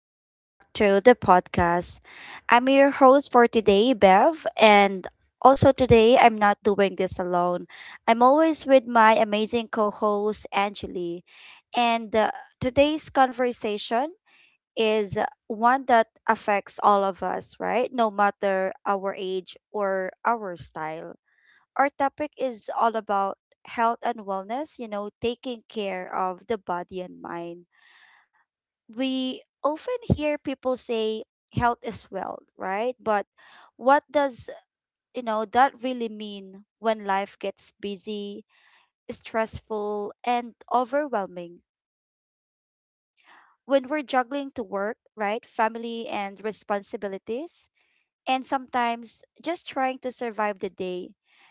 Welcome back to the podcast. I'm your host for today, Bev, and also today I'm not doing this alone. I'm always with my amazing co host, Angeli. And today's conversation is one that affects all of us, right? No matter our age or our style. Our topic is all about health and wellness, taking care of the body and mind. We often hear people say health is wealth, right? But what does that really mean when life gets busy, stressful, and overwhelming? When we're juggling to work, right, family and responsibilities, and sometimes just trying to survive the day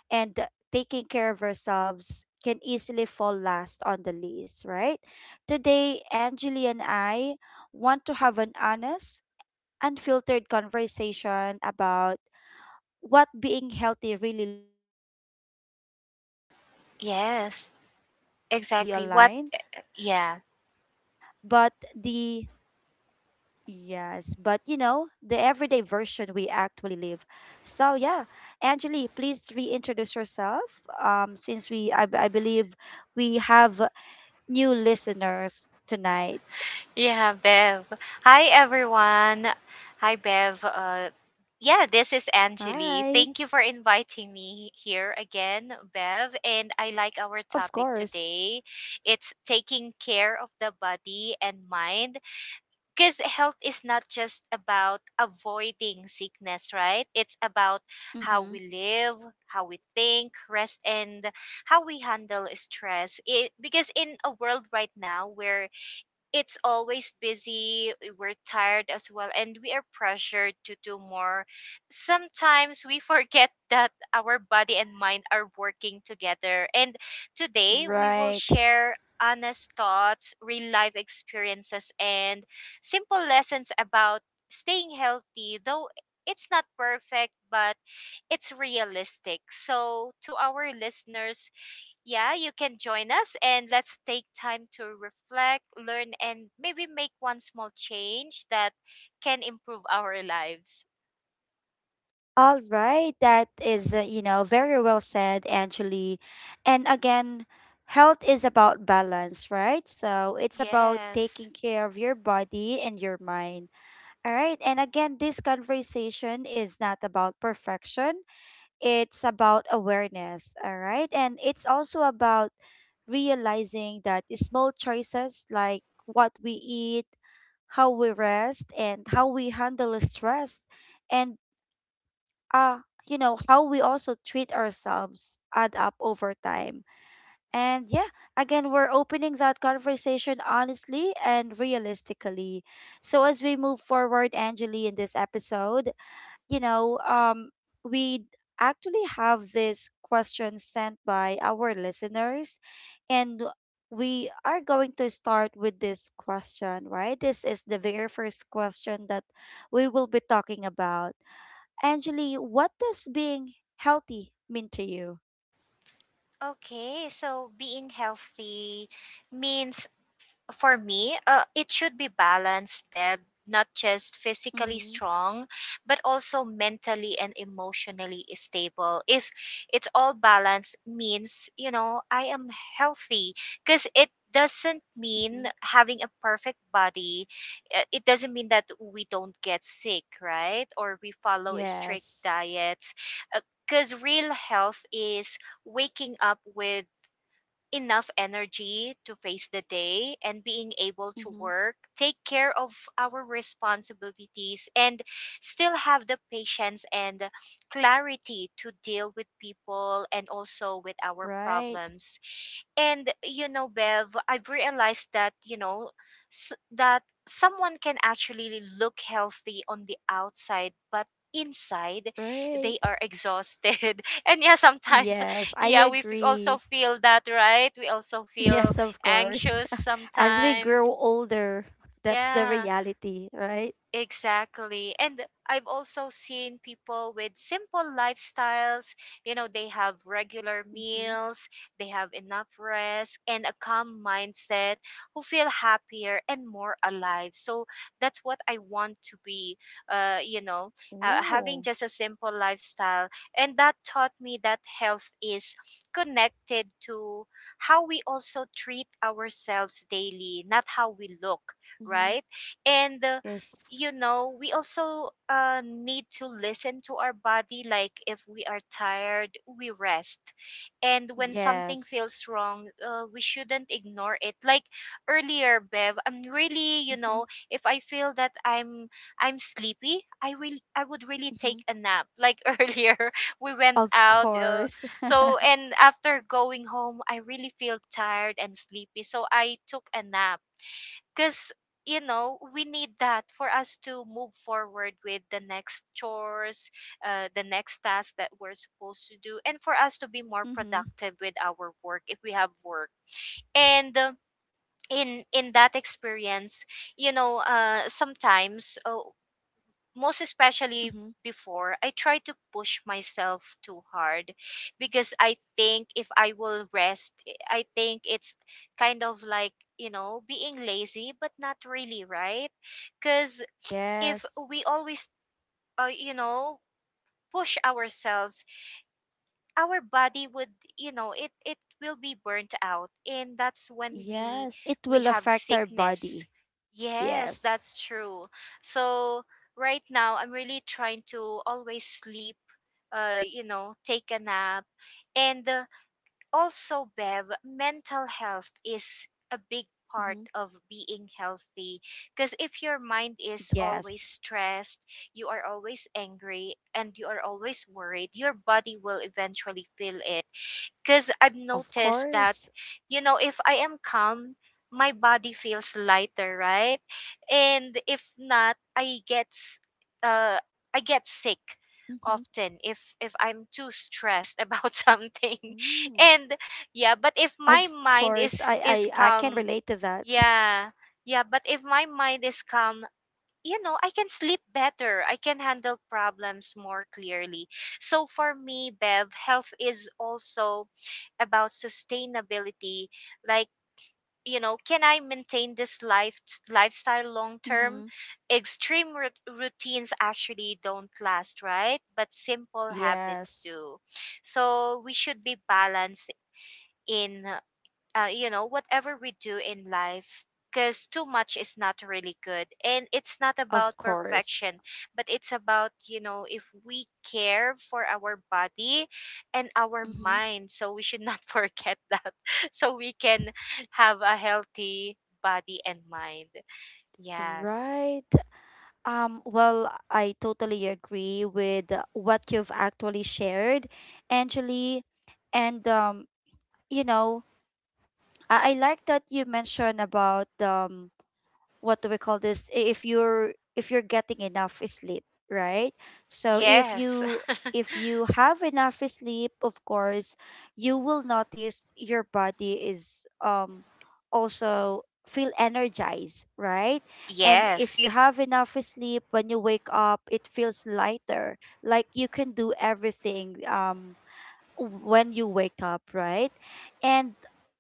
and taking care of ourselves can easily fall last on the list, right? Today, Angeli and I want to have an honest, unfiltered conversation about what being healthy really looks like, in real life. Yes, Not the perfect exactly. version What? we see online, Yeah, but the yes, but the everyday version we actually live. So, yeah, Angeli, please reintroduce yourself. Since I believe we have new listeners tonight. yeah, Bev. Hi, everyone. Hi, Bev. Yeah, this is Hi, Anjali. Thank you for inviting me here again, Bev. And I like our of topic course. today. It's taking care of the body and mind because health is not just about avoiding sickness, right? It's about how Mm-hmm. we live, how we think, rest, and how we handle stress. Because in a world right now where it's always busy, we're tired as well and we are pressured to do more. Sometimes we forget that our body and mind are working together, and today we will Right. share honest thoughts, real life experiences, and simple lessons about staying healthy, though it's not perfect but it's realistic. So to our listeners, yeah, you can join us and let's take time to reflect, learn, and maybe make one small change that can improve our lives. All right. That is, very well said, Angeli. And again, health is about balance, right? So it's about Yes. taking care of your body and your mind. All right. And again, this conversation is not about perfection, it's about awareness. All right. And it's also about realizing that the small choices like what we eat, how we rest, and how we handle stress, and how we also treat ourselves add up over time. And yeah, again, we're opening that conversation honestly and realistically. So as we move forward, Angeli, in this episode, you know, um, we actually have this question sent by our listeners, and we are going to start with this question, right? This is the very first question that we will be talking about. Angeli, what does being healthy mean to you? Okay, so being healthy means for me, it should be balanced, Beb, not just physically Mm-hmm. strong, but also mentally and emotionally stable. If it's all balanced, means, you know, I am healthy, because it doesn't mean Mm-hmm. having a perfect body. It doesn't mean that we don't get sick, right? Or we follow strict Yes. diets. Because real health is waking up with enough energy to face the day and being able to Mm-hmm. work, take care of our responsibilities, and still have the patience and clarity to deal with people and also with our Right. problems. And, you know, Bev, I've realized that, you know, that someone can actually look healthy on the outside, but inside Right. they are exhausted and yeah sometimes Yes, I yeah, also agree. feel that, right? We also feel Yes, of course. anxious As we sometimes. grow older, that's the Yeah. reality, right? Exactly. And I've also seen people with simple lifestyles. You know, they have regular Mm-hmm. meals, they have enough rest, and a calm mindset, who feel happier and more alive. So that's what I want to be, you know, having Ooh. just a simple lifestyle. And that taught me that health is connected to how we also treat ourselves daily, not how we look, Mm-hmm. right? And Yes. you know, we also need to listen to our body. Like if we are tired, we rest. And when something Yes. feels wrong, we shouldn't ignore it. Like earlier, Bev, I'm really, you Mm-hmm. know, if I feel that I'm sleepy, I would really take Mm-hmm. a nap. Like earlier, we went Of out. Course. So and after going home, I really feel tired and sleepy. So I took a nap because, you know, we need that for us to move forward with the next chores, the next task that we're supposed to do, and for us to be more Mm-hmm. productive with our work if we have work. And in that experience, you know, sometimes, most especially Mm-hmm. before, I try to push myself too hard because I think if I will rest, I think it's kind of like, you know, being lazy, but not really, right? Because if Yes. we always, you know, push ourselves, our body would, you know, it will be burnt out, and that's when we Yes. It we will have affect our sickness. body. Yes, Yes. that's true. So right now I'm really trying to always sleep, you know, take a nap. And also Bev, mental health is a big Mm-hmm. part of being healthy, because if your mind is always Yes. stressed, you are always angry and you are always worried, your body will eventually feel it. Because I've Of noticed that, course. you know, if I am calm, my body feels lighter, right? And if not, uh, I Mm-hmm. get sick often if I'm too stressed about Mm. something. And Of yeah, but if course. my mind I is can is relate to calm, that. yeah, yeah, but if my mind is calm, you know, I can sleep better. I can handle problems more clearly. So for me, Bev, health is also about sustainability. Like, you know, can I maintain this lifestyle long term? Mm-hmm. Extreme rut routines actually don't last, right? But simple habits Yes. do. So we should be balanced in, you know, whatever we do in life, because too much is not really good. And it's not about Of course. perfection, but it's about, you know, if we care for our body and our Mm-hmm. mind. So we should not forget that. So we can have a healthy body and mind. Yes. Right. Well, I totally agree with what you've actually shared, Angeli. And you know, I like that you mentioned about what do we call this, if you're getting enough sleep, right? So if Yes. you have enough sleep, of course you will notice your body is also feel energized, right? And if Yes. you have enough sleep, when you wake up, it feels lighter, like you can do everything, when you wake up, right? And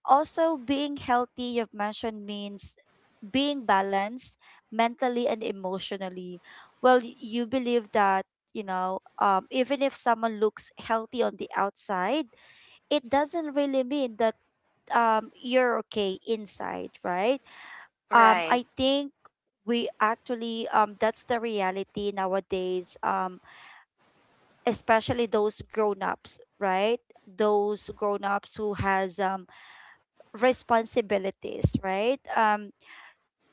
also being healthy, you've mentioned, means being balanced mentally and emotionally. Well, you believe that, even if someone looks healthy on the outside, it doesn't really mean that, you're okay inside, right? Right. I think we actually, that's the reality nowadays, especially those grown-ups, right? Those grown-ups who has responsibilities, right? um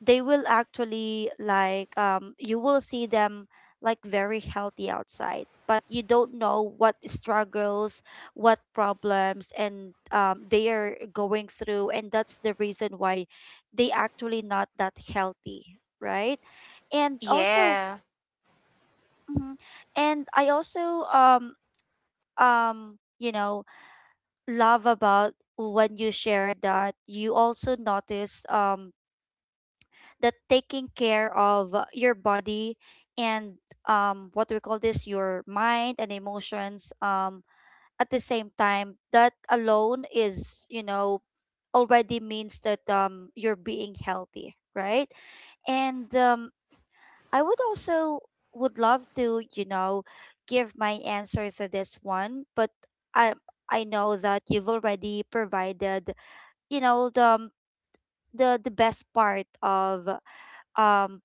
they will actually, like, you will see them like very healthy outside, but you don't know what struggles, what problems, and, they are going through, and that's the reason why they actually not that healthy, right? and also Yeah. mhm, and I also, um you know love about when you shared that you also notice, that taking care of, your body and, what we call this, your mind and emotions, at the same time, that alone is, already means that, you're being healthy, right? And, I would also, would love to, give my answers to this one, but i I know that you've already provided, the, best part of, um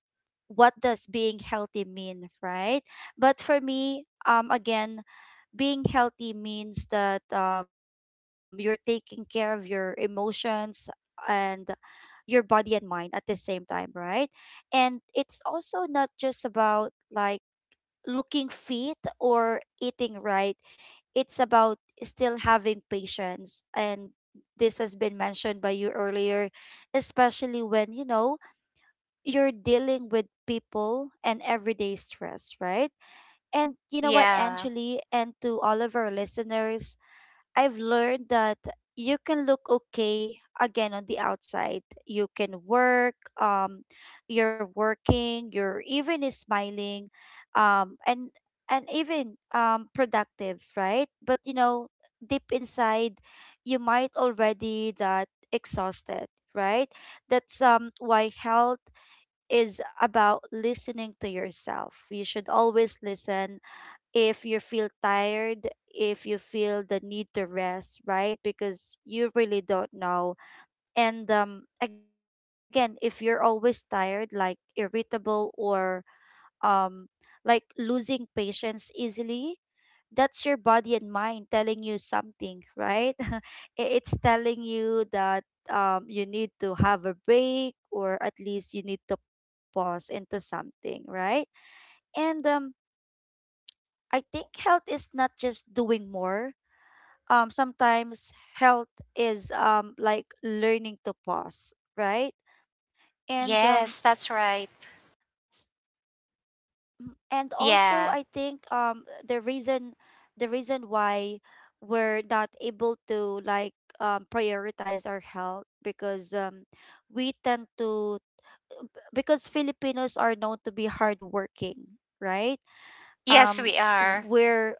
what does being healthy mean, right? But for me, again, being healthy means that you're taking care of your emotions and your body and mind at the same time, right? And it's also not just about like looking fit or eating right. It's about still having patience, and this has been mentioned by you earlier, especially when, you're dealing with people and everyday stress, right? And you know what, Yeah. Angeli, and to all of our listeners, I've learned that you can look okay again on the outside. You can work, um, you're working, you're even smiling, and even productive, right? But you know, deep inside, you might already that exhausted, right? That's why health is about listening to yourself. You should always listen if you feel tired, if you feel the need to rest, right? Because you really don't know. And again, if you're always tired, like irritable or, um, like losing patience easily, that's your body and mind telling you something, right? It's telling you that, you need to have a break, or at least you need to pause into something, right? And I think health is not just doing more. Sometimes health is, like, learning to pause, right? And um, Yes, that's right. And also, I Yeah. think the reason, why we're not able to, like, prioritize our health, because we tend to, because Filipinos are known to be hardworking, right? Yes, Um, we are. we're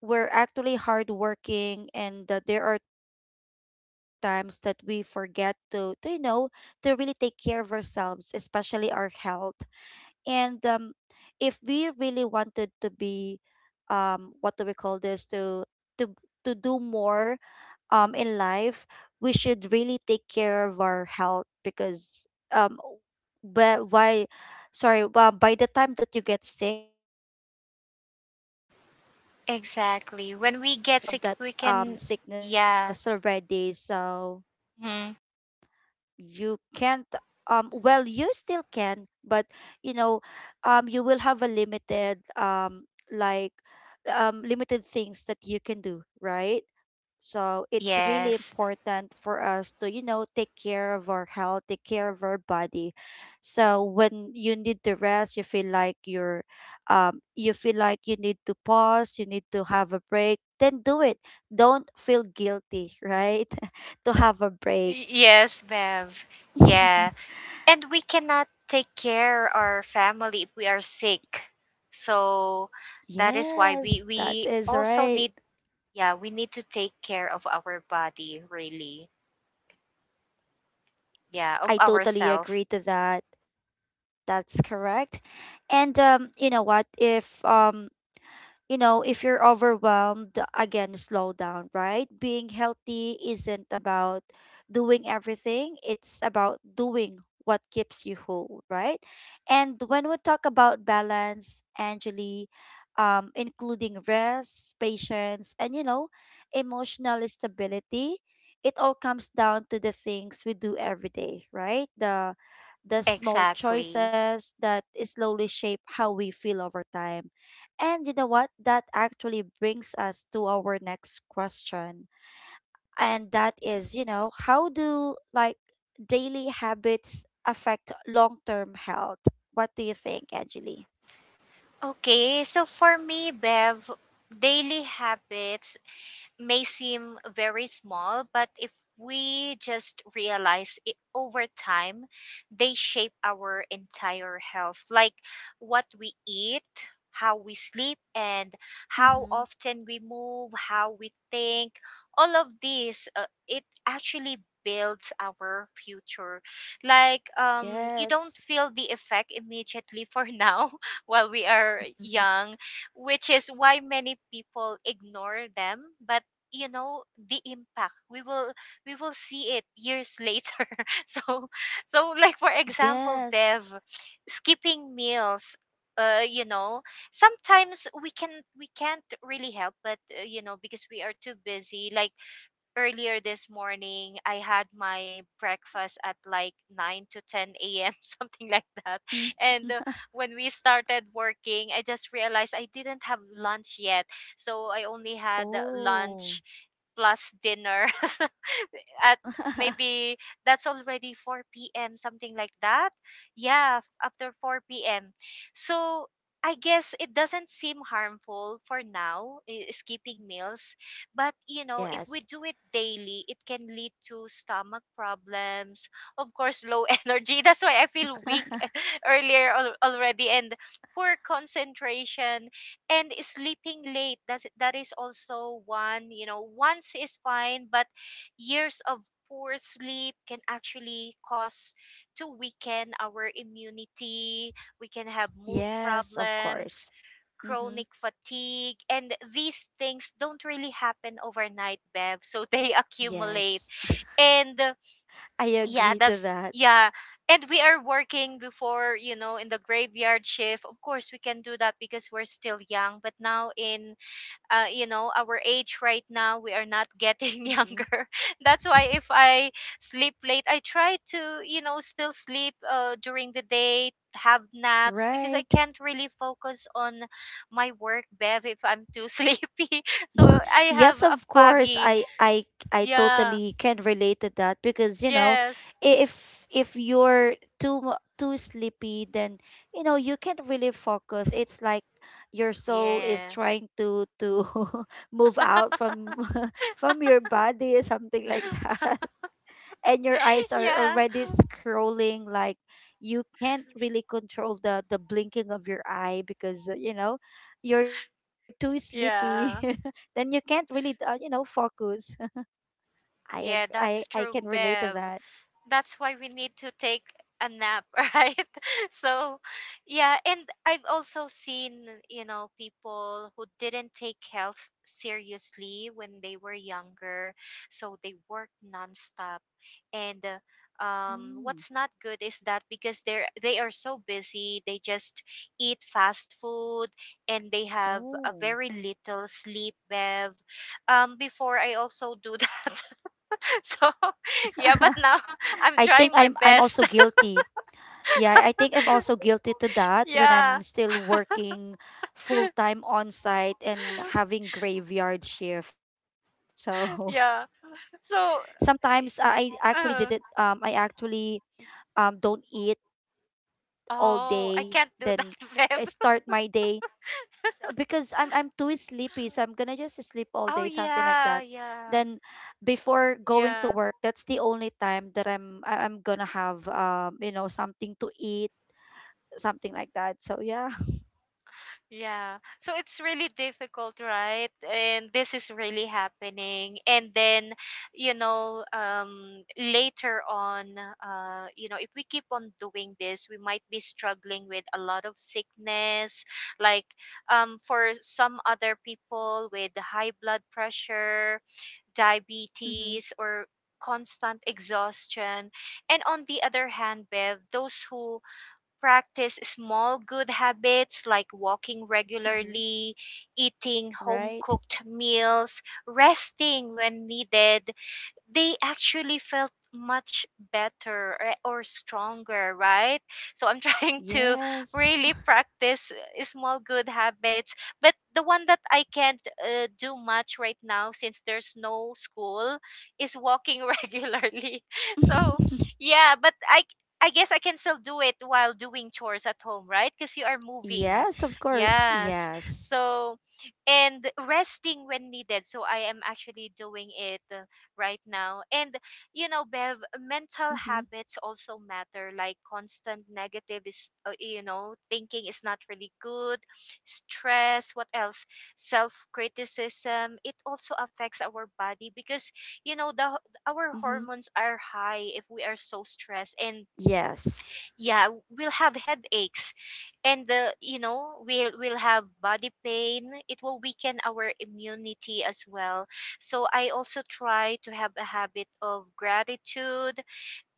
we're actually hardworking, and that there are times that we forget to, to really take care of ourselves, especially our health. And if we really wanted to be, what do we call this, to, to to do more, in life, we should really take care of our health, because, um, but why, by the time that you get sick, right? There's no going back. Exactly. You When we have get that sick, we can, sickness yeah. already, so Hmm. you can't, well, you still can, but, you know, you will have a limited, like limited things that you can do, right? So it's really Yes. important for us to, take care of our health, take care of our body. So when you need to rest, you feel like you need to pause, you need to have a break, then do it. Don't feel guilty, right? To have a break. Yes, Bev. Yeah. And we cannot take care our family if we are sick. So that is Yes, why that we is we right. also need, yeah, we need to take care of our body really. I Yeah, of totally agree to ourselves. that. That's correct. And, you know what? If you're overwhelmed, again, slow down, right? Being healthy isn't about doing everything, it's about doing what keeps you whole, right? And when we talk about balance, Angeli, including rest, patience, and, you know, emotional stability, it all comes down to the things we do every day, right? The small Exactly. choices that slowly shape how we feel over time. And you know what? That actually brings us to our next question. And that is, you know, how do, like, daily habits affect long term health? What do you think, Angeli? Okay, so for me, Bev, daily habits may seem very small, but if we just realize it over time, they shape our entire health, like what we eat, how we sleep, and how Mm-hmm. often we move, how we think. All of these, it actually builds our future. Like, you don't Yes. feel the effect immediately for now while we are young, which is why many people ignore them. But you know the impact we will see it years later. so so like for Yes. example, Bev, skipping meals, you know, sometimes we can't really help, but you know, because we are too busy. Like earlier this morning I had my breakfast at like 9 to 10 a.m. something like that. Mm. And when we started working, I just realized I didn't have lunch yet. So I only had Oh. lunch plus dinner at maybe that's already 4 p.m., something like that. Yeah, after 4 p.m. So I guess it doesn't seem harmful for now, skipping meals. But, you know, if we Yes. do it daily, it can lead to stomach problems, of course, low energy. That's why I feel weak earlier already, and poor concentration, and sleeping late. That is also one, you know, once is fine, but years of poor sleep can actually cause to weaken our immunity. We can have mood Yes, of problems, course. Mm-hmm. chronic fatigue, and these things don't really happen overnight, Bev. So they accumulate. Yes. And I yeah, agree to that's that. yeah. And we are working before, you know, in the graveyard shift. Of course, we can do that because we're still young. But now in, you know, our age right now, we are not getting Mm-hmm. younger. That's why if I sleep late, I try to, you know, still sleep during the day, have naps because I Right. can't really focus on my work, Bev, if I'm too sleepy. So I have Yes, a of course. foggy. I Yeah. totally can relate to that, because, Yes. If you're, too sleepy, then, you can't really focus. It's like your soul is Yeah. trying to move out from from your body, something like that. And your eyes are Yeah. already scrolling, like you can't really control the blinking of your eye, because, you know, you're too sleepy. Yeah. Then you can't really, focus. I ag- Yeah, I that's can true, relate to Bev. that. That's why we need to take a nap right? So yeah, and I've also seen, you know, people who didn't take health seriously when they were younger. So they work nonstop. And Mm. what's not good is that because they are so busy, they just eat fast food and they have Oh. a very little sleep, Bev. Before I also do that. So, yeah, but now I think I'm I'm trying my also best. guilty. Yeah, I think I'm also guilty to that when I'm Yeah. still working full time on site and having graveyard shift. So Yeah. So, sometimes, I actually didn't, uh, I actually, don't eat all day, then oh, I I can't do start that, my babe. day, because I'm too sleepy, so I'm gonna just sleep all day, Oh, something like that. yeah, yeah, Then before going to yeah. work, that's the only time that I'm, I'm gonna have, you know, something to eat, something like that. So, yeah. Yeah. So it's really difficult, right? And this is really happening. And then, you know, later on, you know, if we keep on doing this, we might be struggling with a lot of sickness. Like, for some other people with high blood pressure, Mm-hmm. diabetes, or constant exhaustion. And on the other hand, Bev, those who practice small good habits like walking Mm-hmm. regularly, eating home Right. cooked meals, resting when needed, they actually felt much better, or stronger, right? So I'm trying to Yes. really practice small good habits. But the one that I can't do much right now, since there's no school, is walking regularly. So, yeah, but I guess I can still do it while doing chores at home, right? Because you are moving. Yes, of course. Yes. Yes. So, and resting when needed. So I am actually doing it right now. And, you know, Bev, mental Mm-hmm. habits also matter, like constant you know, thinking is not really good, stress, what else? Self criticism. It also affects our body because, you know, the our Mm-hmm. hormones are high if we are so stressed, and Yes. yeah, we'll have headaches and you know, we'll have body pain. It will weaken our immunity as well. So I also try to have a habit of gratitude,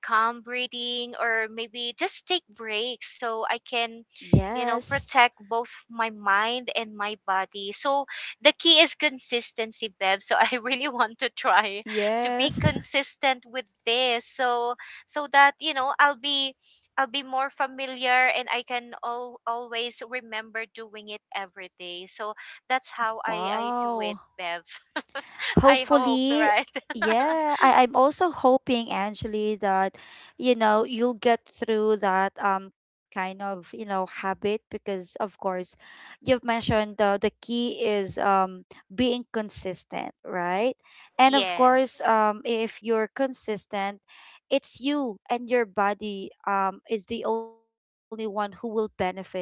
calm breathing, or maybe just take breaks so I can, you know, Yes. protect both my mind and my body. So the key is consistency, Bev. So I really want to try to be Yes. consistent with this so that, you know, I'll be more familiar and I can always remember doing it every day. So that's how I do Wow. it, Bev. I hope, Hopefully, right? yeah. I'm also hoping, Angeli, that, you know, you'll get through that kind of, you know, habit, because of course you've mentioned the key is, being consistent, right? And of course, Yes. If you're consistent, it's you and your body, is the only one who will benefit it, right?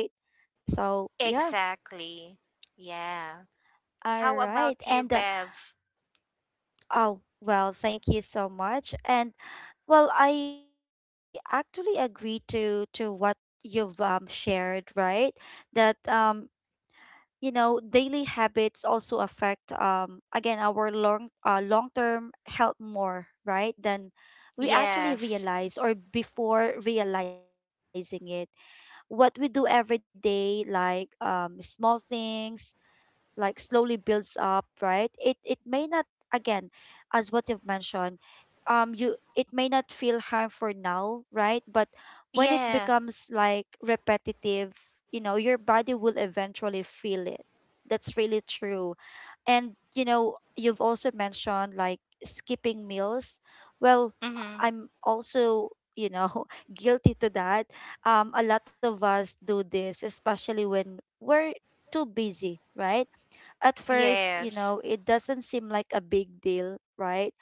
So yeah, Exactly. Yeah. all How right. And, about you, Bev? oh, well, thank you so much. And well, I actually agree to what you've, shared, right? That, you know, daily habits also affect, again, our long, long-term health more, right? Than we Yes. actually realize or before realizing it. What we do every day like small things like slowly builds up, right? It may not again, as what you've mentioned, you it may not feel harm for now, right? But when it Yeah. becomes like repetitive, you know, your body will eventually feel it. That's really true. And you know, you've also mentioned like skipping meals. Well, Mm-hmm. I'm also, you know, guilty to that. A lot of us do this, especially when we're too busy, right? At first, you Yes. know, it doesn't seem like a big deal, right?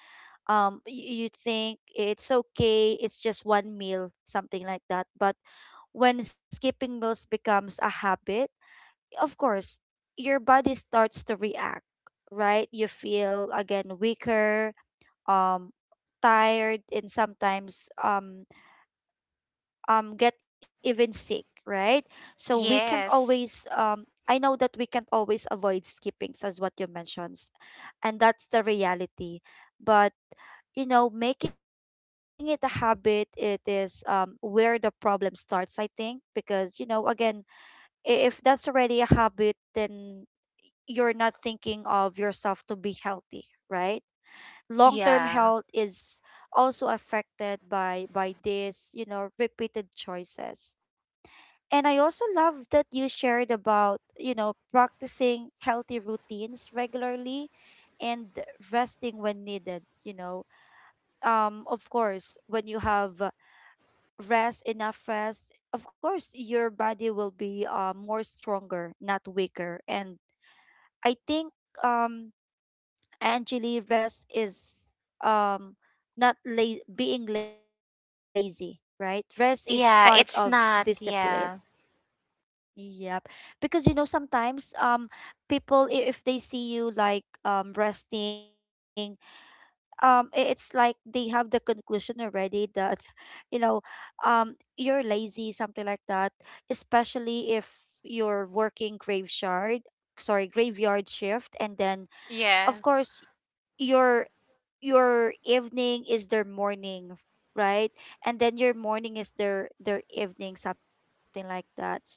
You think it's okay, it's just one meal, something like that. But when skipping meals becomes a habit, of course your body starts to react, right? You feel again weaker, um tired, and sometimes get even sick, right? So we can't Yes. always I know that we can't always avoid skippings as what you mentioned, and that's the reality. But you know, making it a habit, it is where the problem starts, I think, because, you know, again, if that's already a habit, then you're not thinking of yourself to be healthy, right? Long term Yeah. health is also affected by this, you know, repeated choices. And I also love that you shared about, you know, practicing healthy routines regularly and resting when needed, you know. Of course, when you have rest, enough rest, of course, your body will be more stronger, not weaker. And I think, um, Angeli, rest is um, not la- being lazy, right? Rest is part of Yeah, it's discipline. not. Yeah. Yep. Because you know sometimes people if they see you like resting, it's like they have the conclusion already that you know you're lazy, something like that, especially if you're working graveyard, sorry, graveyard shift. And then of Yeah. course your your evening is their morning, right? And then your morning is their evening, something like that. So,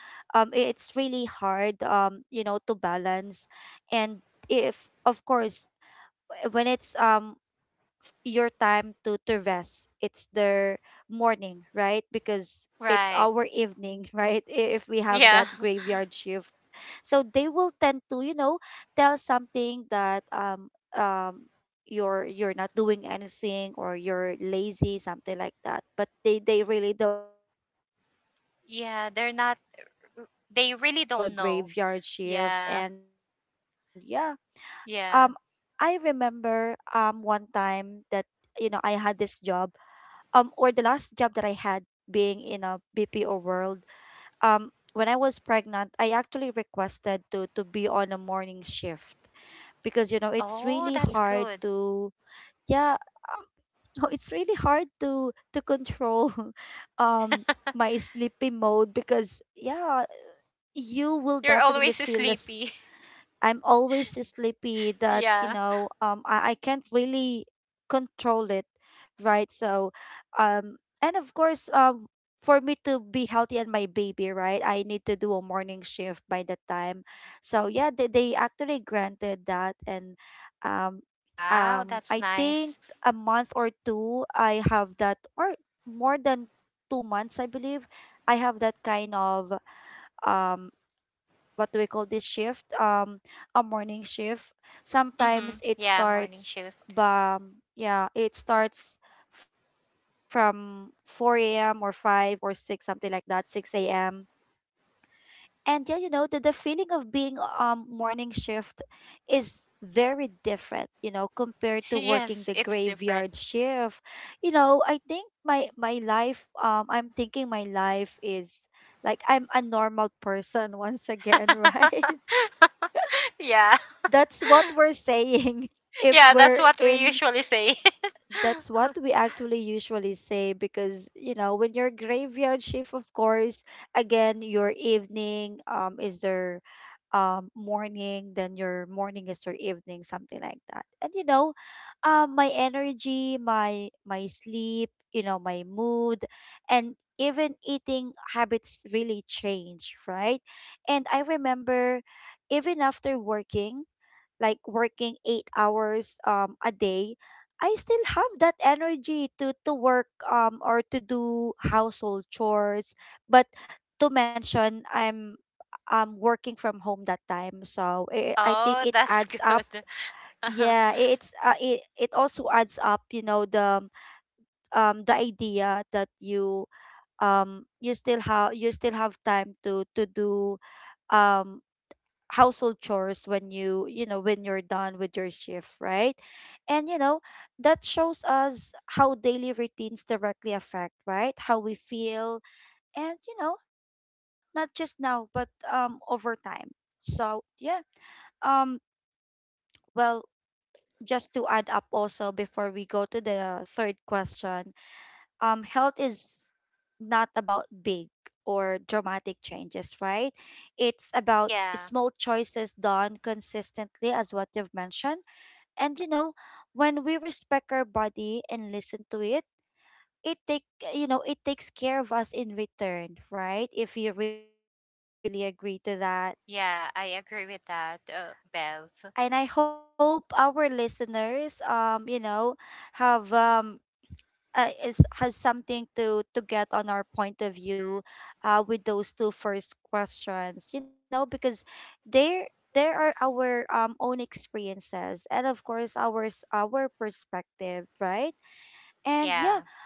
it's really hard, you know, to balance. And if of course, when it's your time to rest, it's their morning, right? Because it's Right. our evening, right? If we have Yeah. that graveyard shift, so they will tend to, you know, tell something that um you're not doing anything, or you're lazy, something like that. But they really don't know, you know, Yeah, the they're not, struggle they we really don't have know. doing a graveyard Yeah. shift. And yeah, Yeah. um I remember one time that, you know, I had this job, or the last job that I had, being in a BPO world. um when I was pregnant, I actually requested to be on a morning shift, because you know it's Oh, really that's hard good. to, yeah, um, no, it's really hard to control um my sleepy mode, because yeah, you will You're definitely always feel less. sleepy. I'm always sleepy, that, you Yeah. know, I can't really control it, right? So, and of course, for me to be healthy and my baby, right, I need to do a morning shift by that time. So, yeah, they, actually granted that. And um, Wow, that's I think nice. a month or two, I have that, or more than 2 months, I believe, I have that kind of. Um, what do we call this shift? A morning shift. Mhm. Sometimes it Yeah, morning starts, shift. Yeah, it starts from 4 a.m. or 5 or 6, something like that, 6 a.m. And yeah, you know, the, feeling of being morning shift is very different, you know, compared to working Yes, the it's different. graveyard shift. You know, I think my life, I'm thinking my life is like I'm a normal person once again, right? Yeah. That's what we're saying, if Yeah, that's we're what we in usually say. that's what we actually usually say, because you know when you're graveyard shift, of course, again your evening is their morning, then your morning is your evening, something like that. And you know, my energy, my sleep, you know, my mood, and even eating habits really change, right? And I remember, even after working, like working 8 hours a day, I still have that energy to work, or to do household chores. But to mention, I'm working from home that time, so I think Oh, it that's adds up. good. Uh-huh. Yeah, it's it also adds up. You know the idea that you still have time to do um household chores when you know when you're done with your shift, right? And you know, that shows us how daily routines directly affect, right, how we feel, and you know, not just now but over time. So yeah, um well just to add up also, before we go to the third question, health is not about big or dramatic changes, right? It's about Yeah. small choices done consistently, as what you've mentioned. And you know, when we respect our body and listen to it, it take you know, it takes care of us in return, right? If you really agree to that. Yeah, I agree with that, Bev. And I hope our listeners, you know, have is has something to get on our point of view, with those two first questions, you know, because there are our, own experiences, and of course ours, our perspective, right? And Yeah. yeah,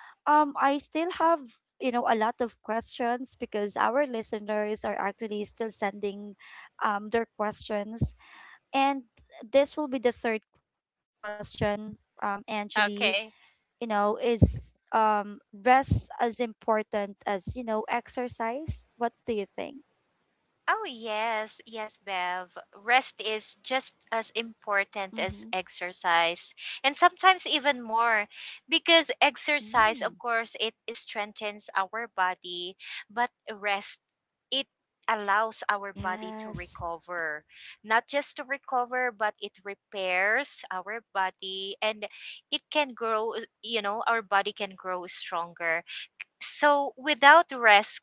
I still have, you know, a lot of questions, because our listeners are actually still sending their questions. And this will be the third question, Angeli, Okay. you know, is rest as important as, you know, exercise? What do you think? Oh, yes, yes, Bev. Rest is just as important as Mm-hmm. exercise, and sometimes even more, because exercise, Mm. of course, it strengthens our body, but rest, it allows our body Yes. to recover. Not just to recover, but it repairs our body and it can grow, you know, our body can grow stronger. So without rest,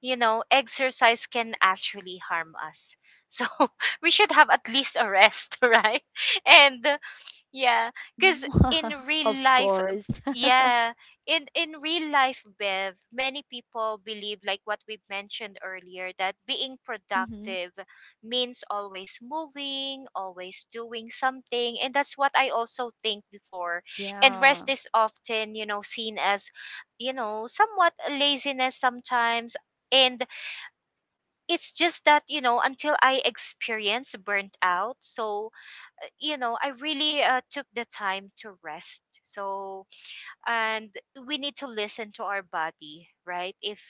you know, exercise can actually harm us. So we should have at least a rest, right? And yeah, because in Of real life, course. yeah, in real life, Bev, many people believe like what we mentioned earlier that being Mm-hmm. productive means always moving, always doing something, and that's what I also think before. Yeah. And rest is often, you know, seen as, you know, somewhat laziness sometimes. And it's just that, you know, until I experience burnt out. So you know, I really took the time to rest. So, and we need to listen to our body, right? If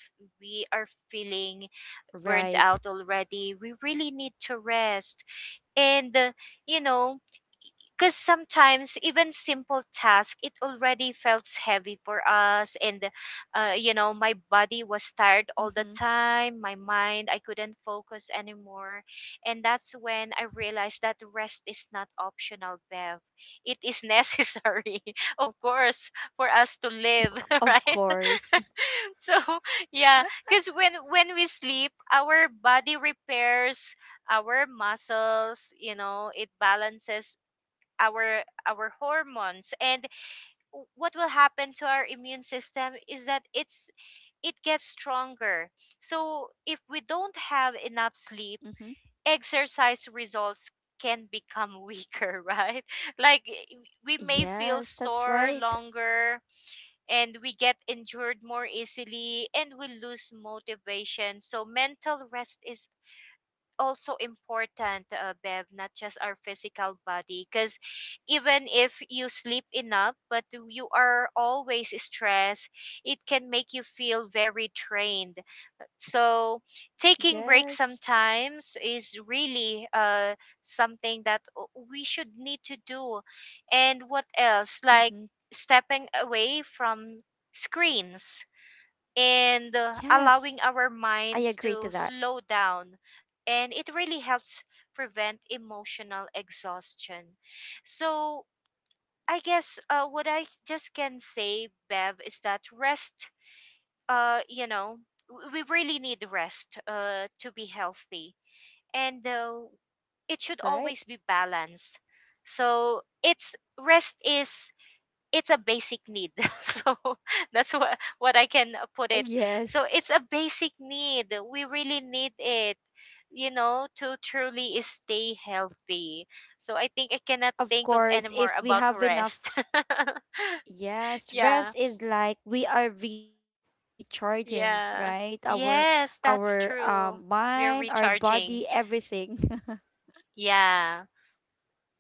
we are feeling burnt Right. out already, we really need to rest. And, you know, because sometimes even simple task it already felt heavy for us. And you know, my body was tired all the Mm-hmm. time, my mind I couldn't focus anymore. And that's when I realized that rest is not optional, Bev. It is necessary of course for us to live, Of right? course. So yeah, because when we sleep, our body repairs our muscles, you know, it balances our hormones. And what will happen to our immune system is that it gets stronger. So if we don't have enough sleep, Mm-hmm. exercise results can become weaker, right? Like we may feel Yes, sore that's right. longer, and we get injured more easily, and we lose motivation. So mental rest is also important, Bev, not just our physical body. Because even if you sleep enough, but you are always stressed, it can make you feel very drained. So, taking breaks Yes. sometimes is really something that we should need to do. And what else? Like Mm-hmm. stepping away from screens and allowing our Yes, minds I to agree slow to that. down. And it really helps prevent emotional exhaustion. So, I guess what I just can say, Bev, is that rest, you know, we really need rest to be healthy. And it should always be That's right. balanced. So, it's rest is, it's a basic need. So that's what I can put it. So Yes. it's a basic need. We really need it, you know, to truly stay healthy. So I think I cannot think of of anymore course about if we have rest. enough Yeah. Yes, rest is like we are recharging, Yeah. right? Our Yes, that's true. We're mind, our recharging. body, everything. Yeah,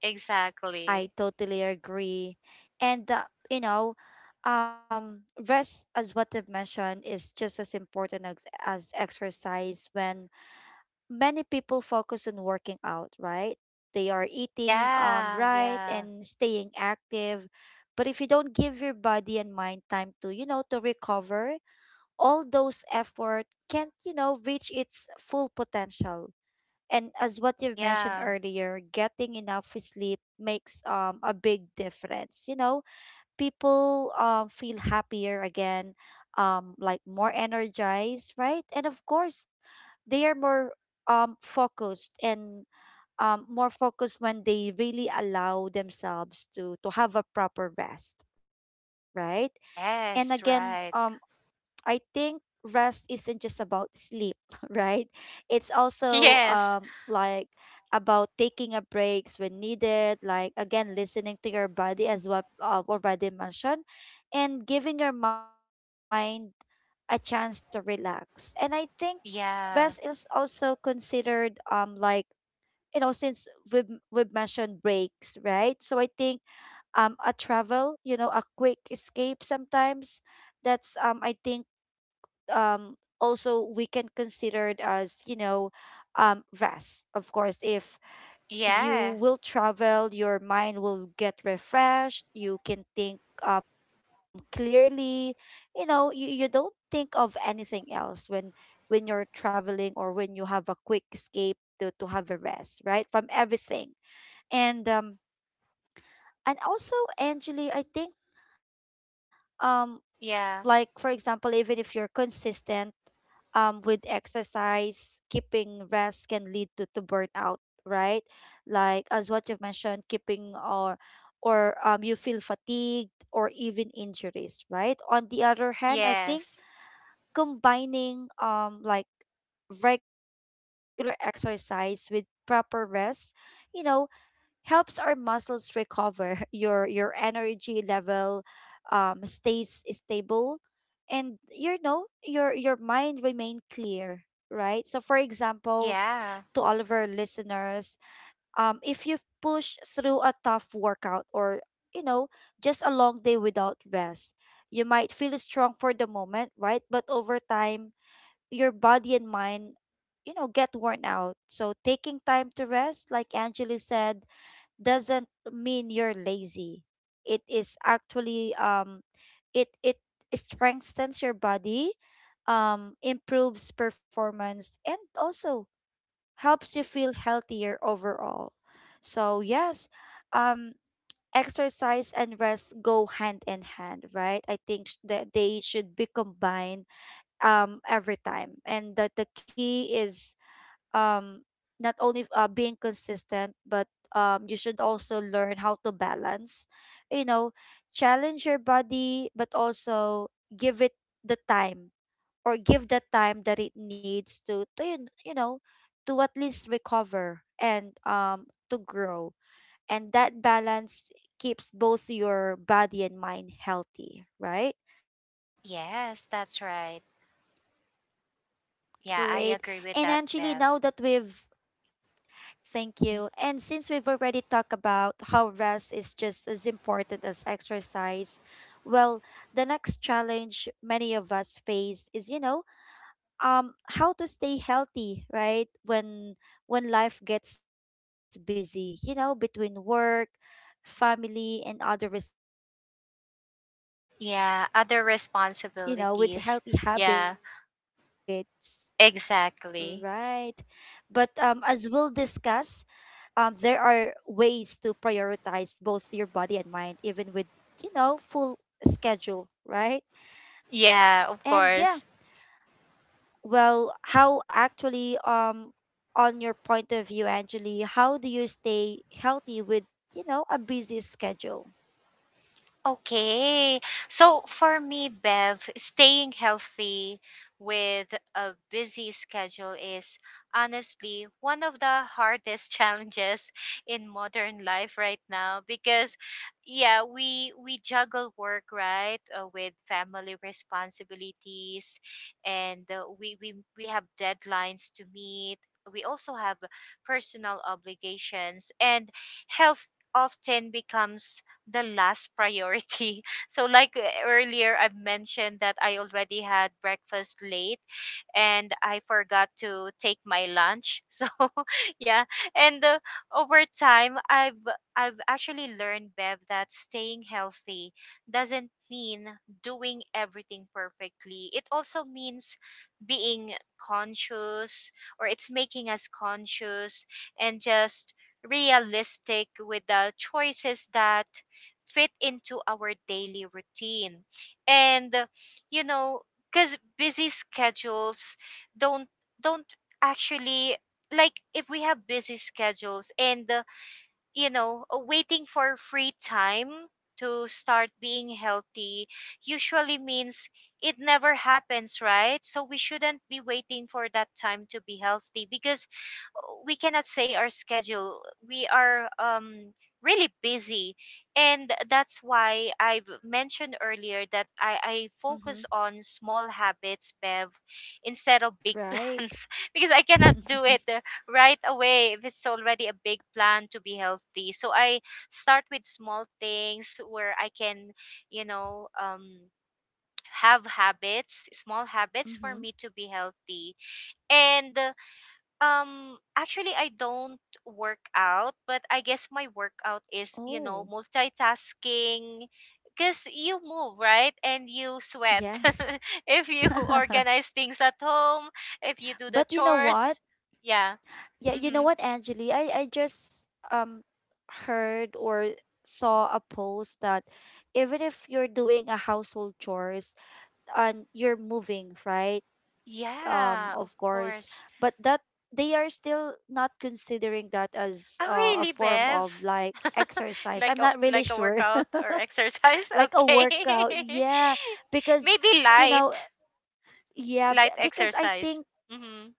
exactly. I totally agree. And you know, rest, as what I've mentioned, is just as important as exercise. When many people focus on working out, right, they are eating Yeah, right yeah. and staying active. But if you don't give your body and mind time to, you know, to recover, all those effort can't, you know, reach its full potential. And as what you've mentioned Yeah. earlier, getting enough sleep makes a big difference, you know. People feel happier again, like more energized, right? And of course they are more focused and more focused when they really allow themselves to have a proper rest, right? And again, Yes, right. I think rest isn't just about sleep, right? It's also Yes. like about taking a breaks when needed, like again listening to your body as what already mentioned, and giving your mind a chance to relax. And I think rest is Yeah. also considered like, you know, since we've mentioned breaks, right? So I think a travel, you know, a quick escape sometimes, that's I think um also we can consider it as, you know, rest. Of course, if you Yeah. will travel, your mind will get refreshed, you can think clearly, you know, you don't think of anything else when you're traveling, or when you have a quick escape to, have a rest, right, from everything. And also, Angeli, I think um like for Yeah. example, even if you're consistent with exercise, keeping rest can lead to, burnout, right? Like as what you've mentioned, keeping or you feel fatigued, or even injuries, right? On the other hand, I think Yes. combining like regular exercise with proper rest, you know, helps our muscles recover, your energy level stays stable, and you know your mind remain clear, right? So for example, Yeah. to all of our listeners, if you've pushed through a tough workout, or you know, just a long day without rest, you might feel strong for the moment, right? But over time, your body and mind, you know, get worn out. So taking time to rest, like Angela said, doesn't mean you're lazy. It is actually it it strengthens your body, improves performance, and also helps you feel healthier overall. So yes, um, exercise and rest go hand in hand, right? I think that they should be combined every time. And that the key is um not only being consistent, but you should also learn how to balance, you know, challenge your body, but also give it the time, or give the time that it needs to, you know, to at least recover and to grow. And that balance keeps both your body and mind healthy, right? Yes, that's right. Great. And Yeah, I actually, now agree that with that, we've Bev. Thank you. And since Y- we've already talked about how rest is just as important as exercise, well, the next challenge many of us face is, um how to stay healthy, right? When life gets busy, you know, between work, family, and other responsibilities. It can feel Yeah, other impossible, right, to keep up, responsibilities. you know, with Yeah, healthy habits, exactly. right? But as we'll discuss, there are ways to prioritize both your body and mind, even with, you know, full schedule, right? Yeah, of And course. yeah, well, how actually, on your point of view, Angeli, how do you stay healthy with, you know, a busy schedule? Okay. So for me, Bev, staying healthy with a busy schedule is honestly one of the hardest challenges in modern life right now. Because yeah, we juggle work, right, with family responsibilities, and we have deadlines to meet. We also have personal obligations, and health often becomes the last priority. So like earlier I've mentioned that I already had breakfast late and I forgot to take my lunch. So yeah, and over time, I've actually learned, Bev, that staying healthy doesn't mean doing everything perfectly. It also means being conscious, or it's making us conscious and just realistic with the choices that fit into our daily routine. And, you know, because busy schedules don't don't actually, like if we have busy schedules and you know, waiting for free time to start being healthy usually means it never happens, right? So we shouldn't be waiting for that time to be healthy, because uh, we cannot say our schedule. We are really busy, and that's why I've mentioned earlier that I focus Mm-hmm. on small habits, Bev, instead of big Right. plans, because I cannot do it right away if it's already a big plan to be healthy. So I start with small things where I can, you know, have habits, small habits for Mm-hmm. me to be healthy. And actually, I don't work out, but I guess my workout Oh, is, you know, multitasking. Because you move, right? And you sweat. yes. If you organize things at home, if you do But the you know what? chores. Yeah. Yeah, you know Mm-hmm. what, Angeli? I just um heard or saw a post that even if you're doing a household chores and you're moving, right? Of Yeah, course, of but that course. they are still not considering that as a Oh, form really, of Bev? like exercise. I'm not Like a really like a sure. workout or exercise? Like a Okay. workout. Yeah, because Maybe you know, light, yeah, light because I exercise. think Mhm.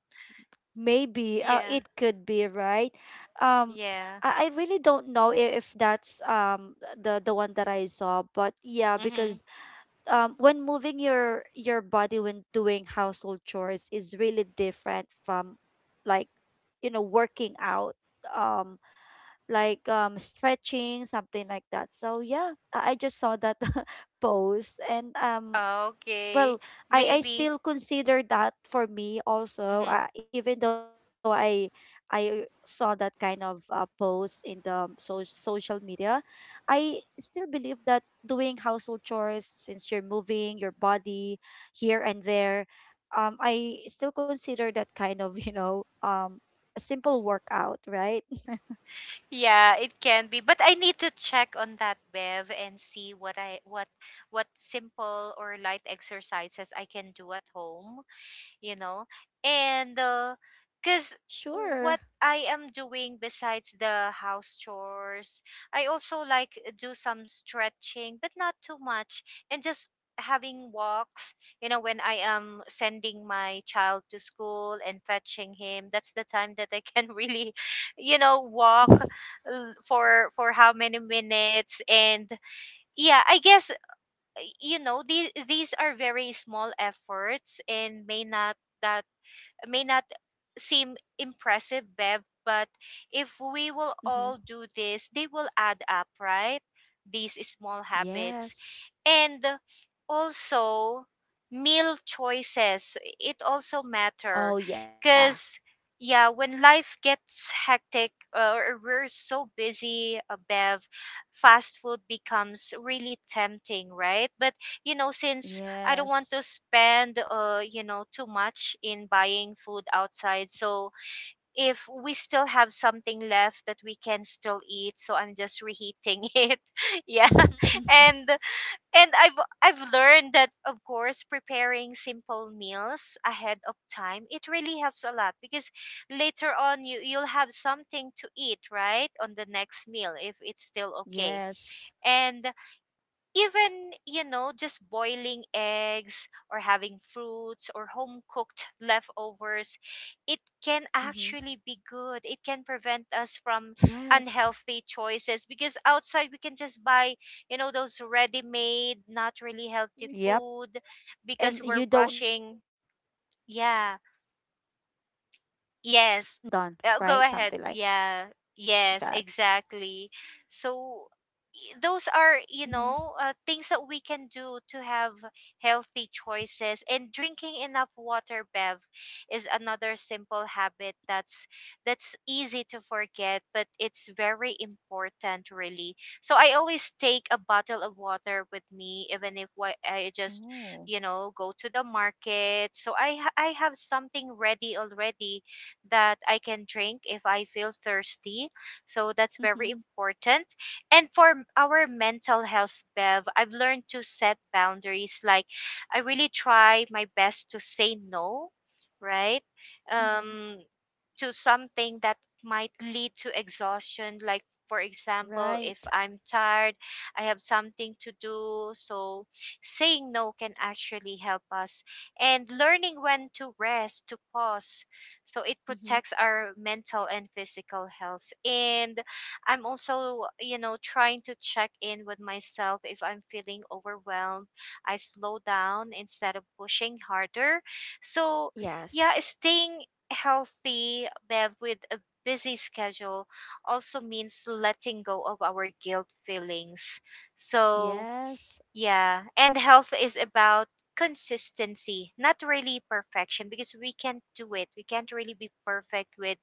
maybe Yeah. it could be right. Um, Yeah. I really don't know if that's the one that I saw, but yeah, because Mhm. When moving your body when doing household chores is really different from like you know working out um like stretching something like that. So yeah, I just saw that post and. Okay. Well, I Maybe. still consider that for me also Mhm. Even though I saw that kind of post in the social media. I still believe that doing household chores, since you're moving your body here and there, I still consider that kind of you know a simple workout, right? Yeah, it can be, but I need to check on that, Bev, and see what I what simple or light exercises I can do at home, you know. And because Sure. what I am doing besides the house chores, I also like do some stretching, but not too much, and just having walks, you know, when I am sending my child to school and fetching him. Mm-hmm. That's the time that I can really, you know, walk for how many minutes. And yeah, I guess you know, these are very small efforts and may not, that may not seem impressive, Bev, but if we will Mm-hmm. all do this, they will add up, right? These small habits. Yes. And also, meal choices, it also matter, Oh yeah. because yeah, when life gets hectic or we're so busy, Bev, fast food becomes really tempting, right? But you know, since I don't want to Yes. spend you know too much in buying food outside, so if we still have something left that we can still eat, so I'm just reheating it. Yeah. And I've learned that of course preparing simple meals ahead of time, it really helps a lot. Because later on you you'll have something to eat, right, on the next meal, if it's still Yes. okay. And even, you know, just boiling eggs or having fruits or home cooked leftovers, it can Mm-hmm. actually be good. It can prevent us from Yes. unhealthy choices, because outside we can just buy, you know, those ready made not really healthy Yep. food because And we're you don't rushing. know the Yeah. um, how was how was it Yes. done, right? Go Something ahead. like that. Yeah. Yes, exactly. So Mm-hmm. Those are, you know, things that we can do to have healthy choices. And drinking enough water, Bev, is another simple habit that's easy to forget, but it's very important really. So I always take a bottle of water with me even if I just, Oh. you know, go to the market. So I have something ready already that I can drink if I feel thirsty. So that's very Mm-hmm. important. And for our mental health, Bev, I've learned to set boundaries. Like I really try my best to say no, right? Mm-hmm. Um, to something that might lead to exhaustion, like for example if Right. I'm tired, I have something to do. So saying no can actually help us, and learning when to rest, to pause. So it Mm-hmm. protects our mental and physical health. And I'm also, you know, trying to check in with myself. If I'm feeling overwhelmed, I slow down instead of pushing harder. So yeah, Yes. staying healthy, Bev, with a busy schedule also means letting go of our guilt feelings. So, Yes. yeah, and health is about consistency, not really perfection, because we can't do it. We can't really be perfect Yeah. with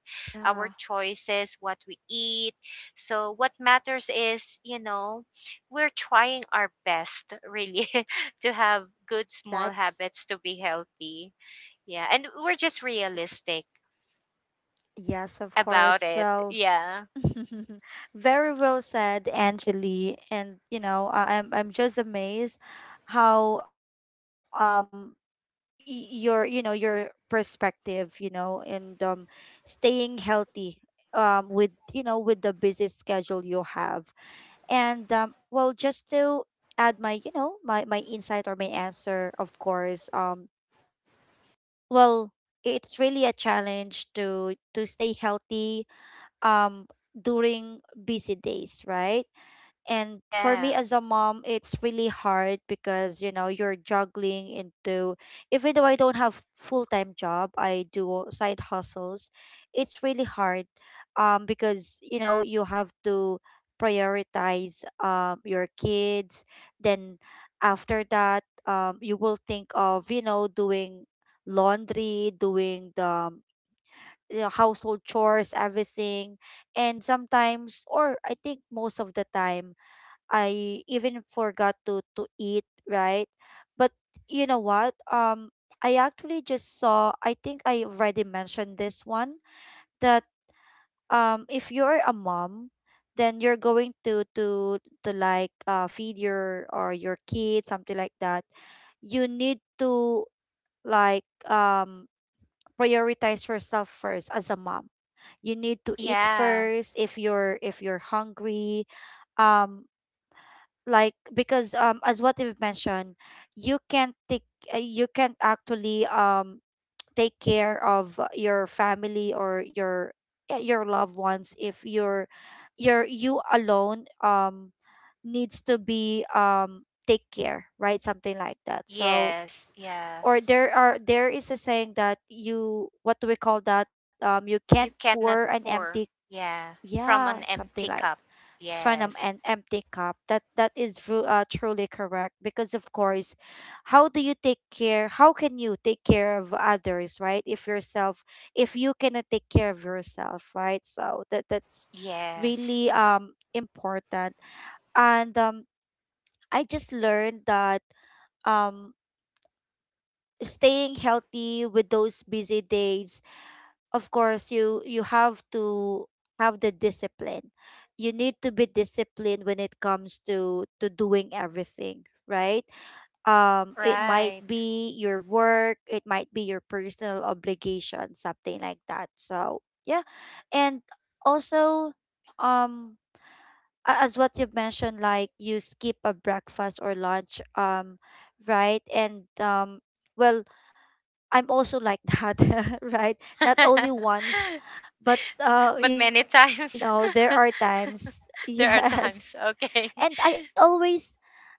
our choices, what we eat. So, what matters is, you know, we're trying our best really. To have good That's small habits to be healthy. Yeah, and we're just realistic yes, of course. about it. Well, Yeah. very well said, Angeli. And you know, I'm just amazed how your you know your perspective you know and staying healthy with you know with the busy schedule you have and well just to add my you know my insight or my answer, of course. Well, it's really a challenge to stay healthy um during busy days, right? And for me Yeah. as a mom, it's really hard because, you know, you're juggling into, even though I don't have full-time job, I do side hustles. It's really hard because, you know, you have to prioritize your kids. Then after that, you will think of, you know, doing laundry, doing the you know, household chores, everything. And sometimes, or I think most of the time, I even forgot to eat, right? But you know what? I actually just saw. I think I already mentioned this one that if you're a mom, then you're going to like feed your or your kid, something like that. You need to like prioritize yourself first as a mom. You need to eat Yeah. first if you're hungry. Um, like because as what you've mentioned, you can't take you can't actually take care of your family or your yeah, your loved ones, if you're you're you alone needs to be take care, right? Something like that. So Yes. Yeah. or there are there is a saying that you, what do we call that, you can't You pour cannot an empty, pour. Yeah. yeah, From an something empty like cup. from Yes. an empty cup. That that is truly correct because of course, how do you take care? How can you take care of others, right? If yourself, if you cannot take care of yourself, right? So that that's Yes. really important. And I just learned that um staying healthy with those busy days, of course, you have to have the discipline. You need to be disciplined when it comes to doing everything, right? Um, it might Right. be your work, it might be your personal obligation, something like that. So yeah, and also um as what you've mentioned, like you skip a breakfast or lunch, right? And well, I'm also like that, right? Not only once, but But you many know, there times, are times, there are yes. times, And okay. I always,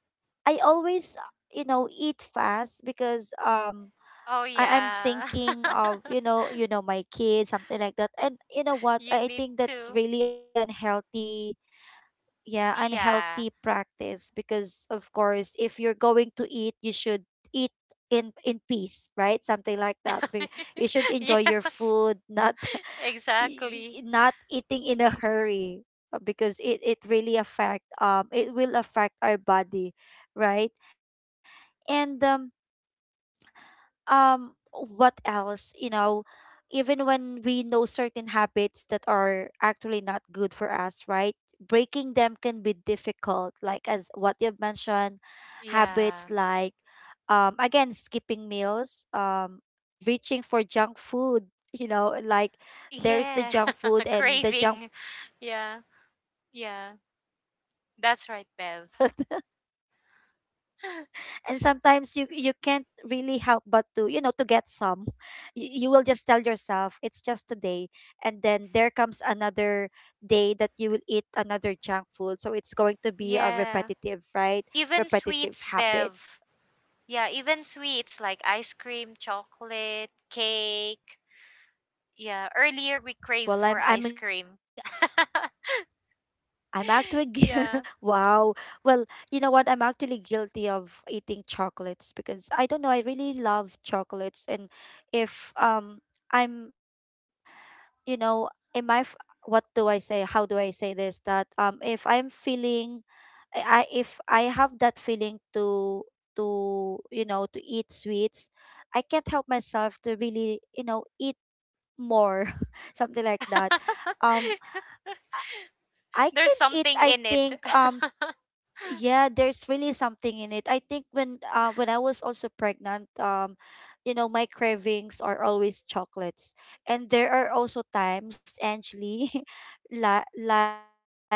I always, uh, you know, eat fast because Oh I'm yeah. thinking of you know, my kids, something like that. And you know what? You I need think that's to. really unhealthy, yeah, Yeah. unhealthy practice, because of course, if you're going to eat, you should eat in peace, right? Something like that. You should enjoy your Yes. food, not Exactly. Not eating in a hurry, because it really affect, it will affect our body, right? And what else, you know, even when we know certain habits that are actually not good for us, right, breaking them can be difficult, like as what you've mentioned. Yeah. Habits like again skipping meals, reaching for junk food, you know, like Yeah. there's the junk food Craving. and the junk Yeah. food is calling Yeah. you, hey, That's I'm right, Bev. here, something like that. And sometimes you you can't really help but to you know to get some. Y- you will just tell yourself it's just a day, and then there comes another day that you will eat another junk food, so it's going to Yeah. be a Even repetitive, right? sweets, Bev. Repetitive Yeah, habits. even sweets like ice cream, chocolate, cake. Yeah, earlier we crave for ice well i'm cream. i'm i'm actually Yeah. wow. Well, you know what, I'm actually guilty of eating chocolates because I don't know, I really love chocolates. And if I'm you know am I f- what do I say how do I say this that if I'm feeling, if I have that feeling to you know to eat sweets, I can't help myself to really you know eat more something like that. um I There's can eat, something I in it. think, yeah, there's really something in it, I think. When when I was also pregnant, you know, my cravings are always chocolates. And there are also times actually, like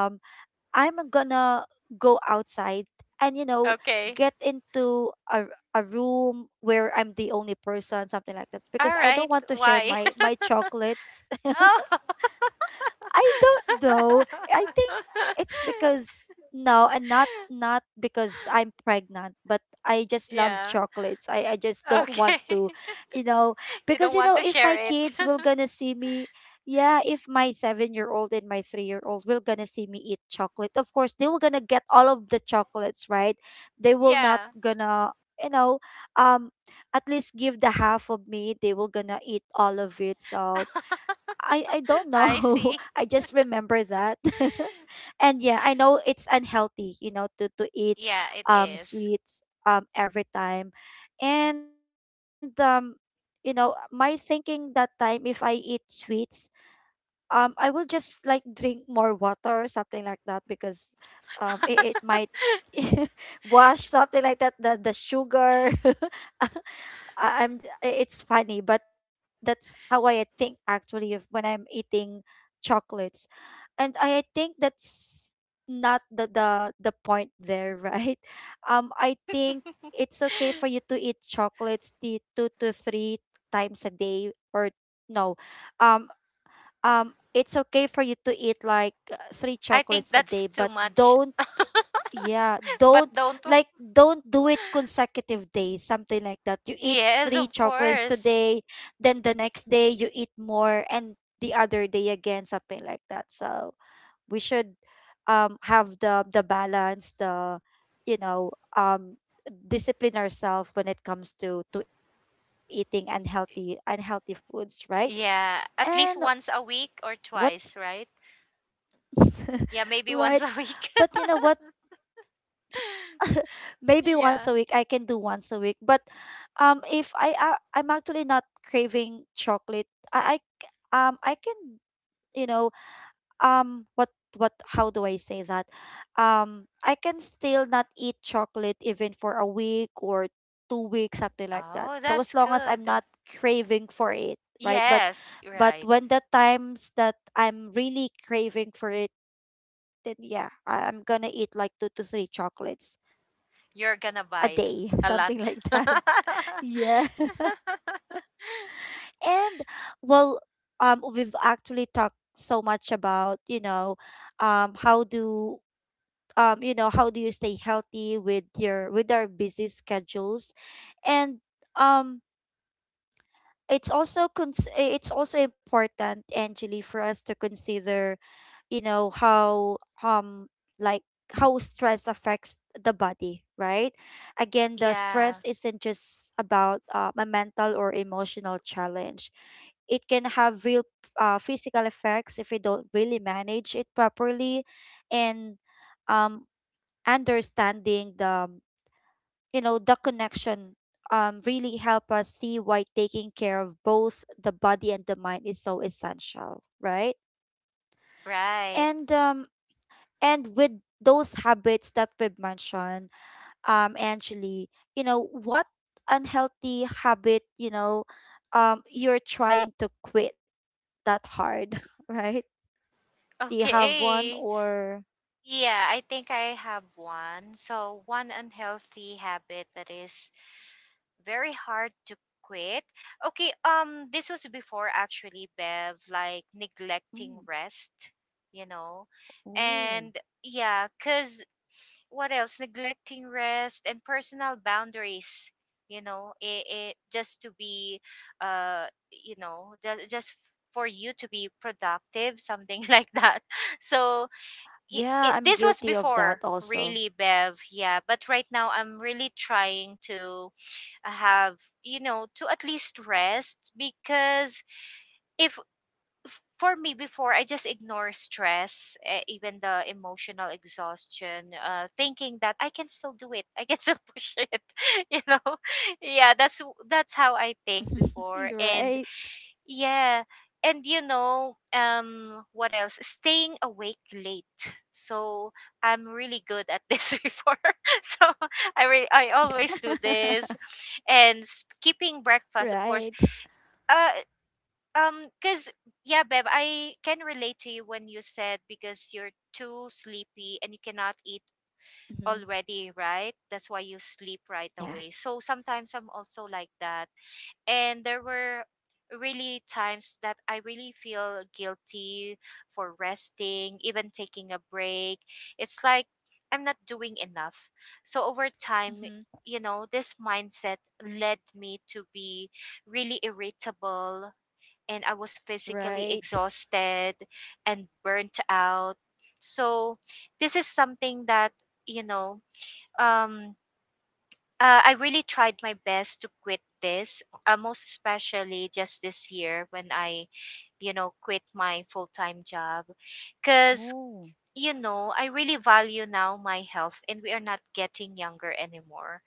I'm gonna go outside and you know get Okay. into a room where I'm the only person, something like that, All because I don't right. want to share Why? my my chocolates. Oh. I don't know. I think it's because no, and not not because I'm pregnant, but I just love Yeah. chocolates. I just don't want Okay. to, you know, You because don't you want know to if share my it. kids will gonna see me, yeah, if my 7-year old and my 3-year old will gonna see me eat chocolate, of course they will gonna get all of the chocolates, right? They will not Yeah. gonna you know um at least give the half of me, they will gonna eat all of it. So I don't know. I see. I just remember that. And yeah, I know it's unhealthy, you know, to eat Yeah, it is. sweets every time. And you know, my thinking that time, if I eat sweets, I will just like drink more water or something like that, because it, it might wash something like that the sugar. I'm it's funny, but that's how I think actually of when I'm eating chocolates. And I think that's not the the point there, right? Um, I think it's okay for you to eat chocolates the two to three times a day or no. Um um, it's okay for you to eat like three I think chocolates a that's day, too but much. don't yeah, But don't don't. Like don't do it consecutive days, something like that. You eat Yes, three of chocolates course. today, then the next day you eat more, and the other day again, something like that. So we should have the balance, the you know um discipline ourselves when it comes to eating unhealthy unhealthy foods, right? And Yeah, at least once a week what or twice, right? Yeah, right? maybe once a But week. you know what? Maybe once a week. I can Yeah. do once a week. But if I, I'm actually not craving chocolate, I I can, you know, um what what how do I say that? I can still not eat chocolate even for a week or 2 weeks, something like that. Oh, So as that's long as I'm good. not craving for it, right? Yes, But right. when the times that I'm really craving for it, then yeah, I, I'm gonna eat like two to three chocolates You're a gonna day, buy something a like that. lot. Yeah. And well, we've actually talked so much about, you know, how do you know, how do you stay healthy with your with our busy schedules? And um it's also important, Angeli, for us to consider how like how stress affects the body, right? Again, the yeah, stress isn't just about a mental or emotional challenge. It can have real physical effects if we don't really manage it properly. And um understanding the, the connection really help us see why taking care of both the body and the mind is so essential, right? right. And with those habits that we've mentioned, Angeli, you know, what unhealthy habit, you're trying to quit that hard, right? Do you have one Okay. or? Yeah, I think I have one. So, one unhealthy habit that is very hard to quit. Okay, this was before actually Bev, like neglecting Mm. rest, you know. Oh. And yeah, cuz what else? Neglecting rest and personal boundaries, you know, it just to be just for you to be productive, something like that. So, Yeah, I'm guilty this of was that before also. really Bev. Yeah, but right now I'm really trying to have, you know, to at least rest. Because if, for me before, I just ignore stress, even the emotional exhaustion, thinking that I can still do it, I can still push it, you know. Yeah, that's how I think You're before. right. And yeah. And you know, what else? Staying awake late. So I'm really good at this before. So I always do this, and keeping Right. breakfast, of course. Uh, cause yeah, Bev, I can relate to you when you said because you're too sleepy and you cannot eat Hmm. already, right? That's why you sleep right Yes. away. So sometimes I'm also like that, and there were really times that I really feel guilty for resting, even taking a break. It's like I'm not doing enough. So over time, Hmm. you know, this mindset led me to be really irritable, and I was physically Right. exhausted and burnt out. So this is something that, you know, um I really tried my best to quit this, most especially just this year when I, you know, quit my full time job. Because Oh. you know, I really value now my health, and we are not getting younger anymore.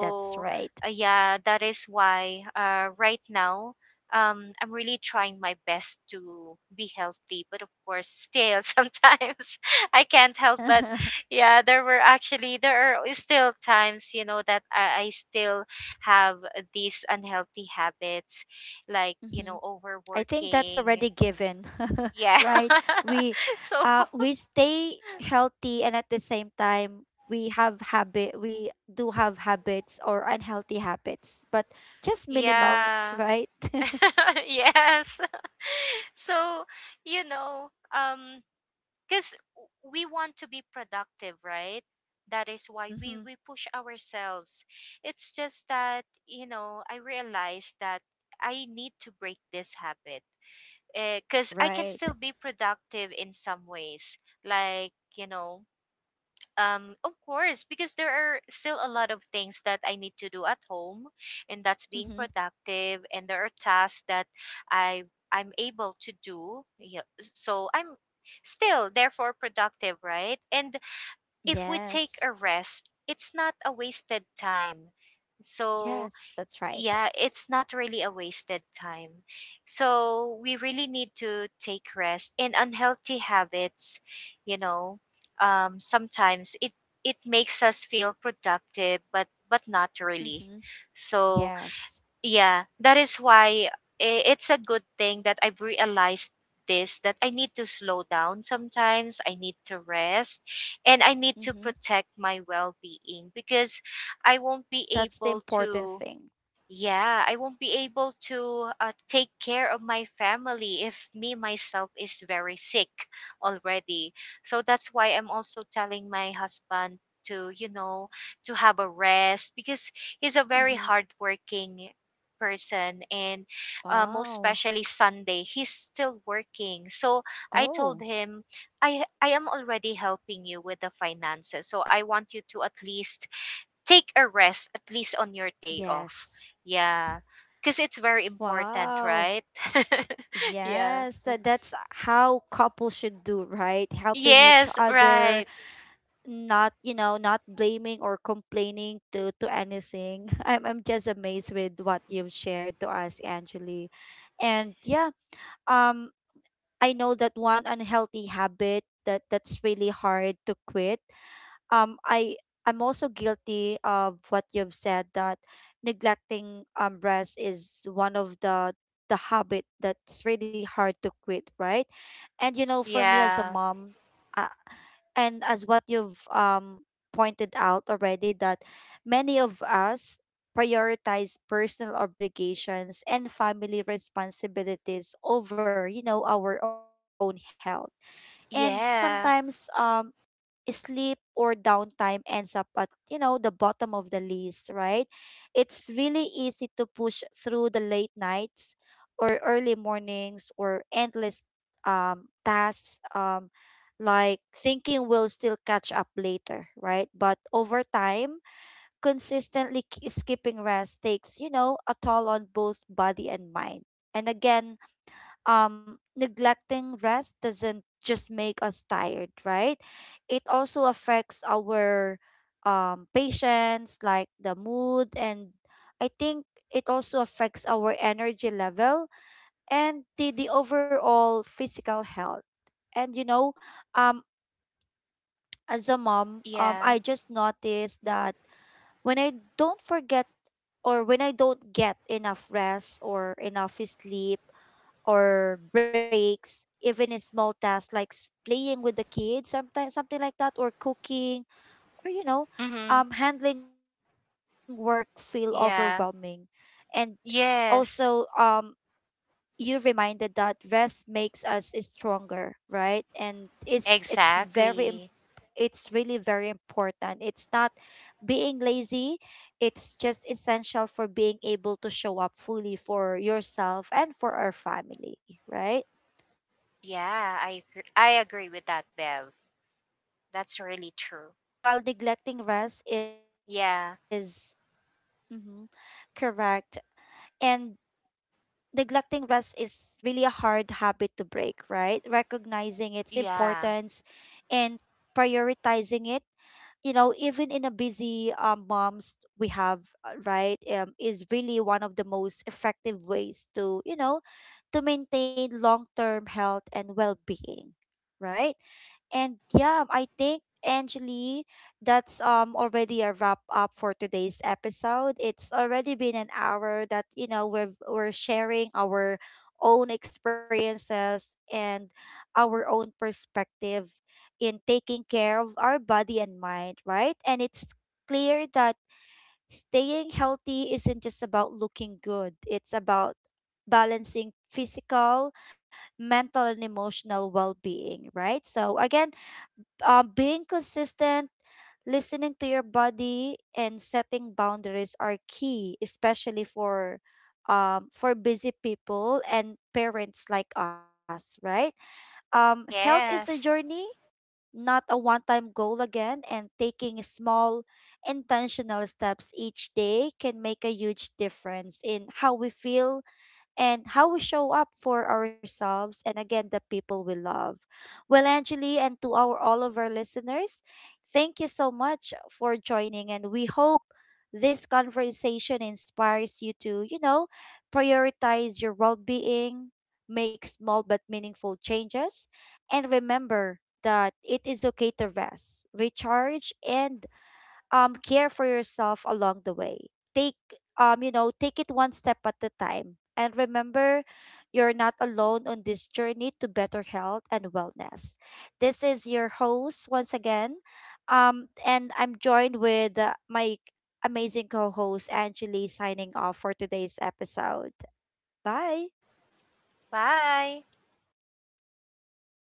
That's right. Yeah, that is why right now, I'm really trying my best to be healthy. But of course, still sometimes I can't help. Hmm. But yeah, there were actually there are still times, you know, that I still have these unhealthy habits, like you know, I think that's overworking. already given, Yeah. right? We, So we stay healthy, and at the same time, we have habit. We do have habits or unhealthy habits, but just minimal, yeah. right? Yes. So, you know, cuz we want to be productive, right? That is why we Mm-hmm. we push ourselves. It's just that, you know, I realized that I need to break this habit. Cuz I can Right. still be productive in some ways. Like, you know, of course, because there are still a lot of things that I need to do at home, and that's being Mm-hmm. productive. And there are tasks that I I'm able to do. Yeah, so I'm still therefore productive, right? And if we take Yes. a rest, it's not a wasted time. So Yes, that's right. yeah, it's not really a wasted time. So we really need to take rest. And unhealthy habits, you know, sometimes it makes us feel productive, but not really. Mm-hmm. So Yes. yeah, that is why it's a good thing that I've realized this, that I need to slow down sometimes, I need to rest, and I need to Mm-hmm. protect my well being. Because I won't be That's the able important to, thing. yeah, I won't be able to take care of my family if me myself is very sick already. So that's why I'm also telling my husband to, you know, to have a rest, because he's a very Mm-hmm. hardworking person and most Wow. especially Sunday, he's still working. So I told Oh, him, I am already helping you with the finances, so I want you to at least take a rest, at least on your day off. yes. Yeah. Because it's very important, Wow. right? Yeah. Yes, that's how couples should do, right? Helping each Yes, other, right. not, you know, not blaming or complaining to anything. I'm just amazed with what you've shared to us, Angeli. And yeah, um I know that one unhealthy habit that that's really hard to quit. um i I'm also guilty of what you've said that neglecting rest is one of the habit that's really hard to quit, right? And you know, for me as a Yeah. mom, uh, and as what you've pointed out already, that many of us prioritize personal obligations and family responsibilities over, you know, our own health. And sometimes Yeah. Sleep or downtime ends up at, you know, the bottom of the list, right? It's really easy to push through the late nights or early mornings or endless tasks, like thinking we'll still catch up later, right? But over time, consistently skipping rest takes, you know, a toll on both body and mind. And again, neglecting rest doesn't just make us tired, right? It also affects our patience, like the mood, and I think it also affects our energy level and the overall physical health. And you know, um, as a mom, I Yeah. just noticed that when I don't forget, or when I don't get enough rest or enough sleep, or breaks, even in small tasks like playing with the kids, sometimes something like that, or cooking, or you know, Mm-hmm. Handling work feel overwhelming. Yeah. And also, Yes. you reminded that rest makes us stronger, right? And it's very Exactly. it's really very important. It's not being lazy, it's just essential for being able to show up fully for yourself and for our family, right? Yeah, I agree. I agree with that, Bev. I right. That's And you really know what, true. Angeli, while neglecting rest Yeah. is mhm, correct. And neglecting rest is really a hard habit to break, right? Recognizing its Yeah. importance and prioritizing it, you know, even in a busy moms we have, right, is really one of the most effective ways to, you know, to maintain long-term health and well-being, right? And yeah, I think, Angeli, that's already a wrap up for today's episode. It's already been an hour that, you know, we're sharing our own experiences and our own perspective in taking care of our body and mind, right? And it's clear that staying healthy isn't just about looking good, it's about balancing physical, mental, and emotional well being, right? So, again, being consistent, listening to your body, and setting boundaries are key, especially for. For busy people and parents like us, right? Health is a Yes. journey, not a one time goal again, and taking small, intentional steps each day can make a huge difference in how we feel and how we show up for ourselves and again the people we love. Well, Angeli, and to our all of our listeners, thank you so much for joining, and we hope this conversation inspires you to, you know, prioritize your well-being, make small but meaningful changes, and remember that it is okay to rest, recharge, and care for yourself along the way. Take take it one step at a time, and remember you're not alone on this journey to better health and wellness. This is your host once again. And I'm joined with my amazing co-host Angeli, signing off for today's episode. Bye. Bye.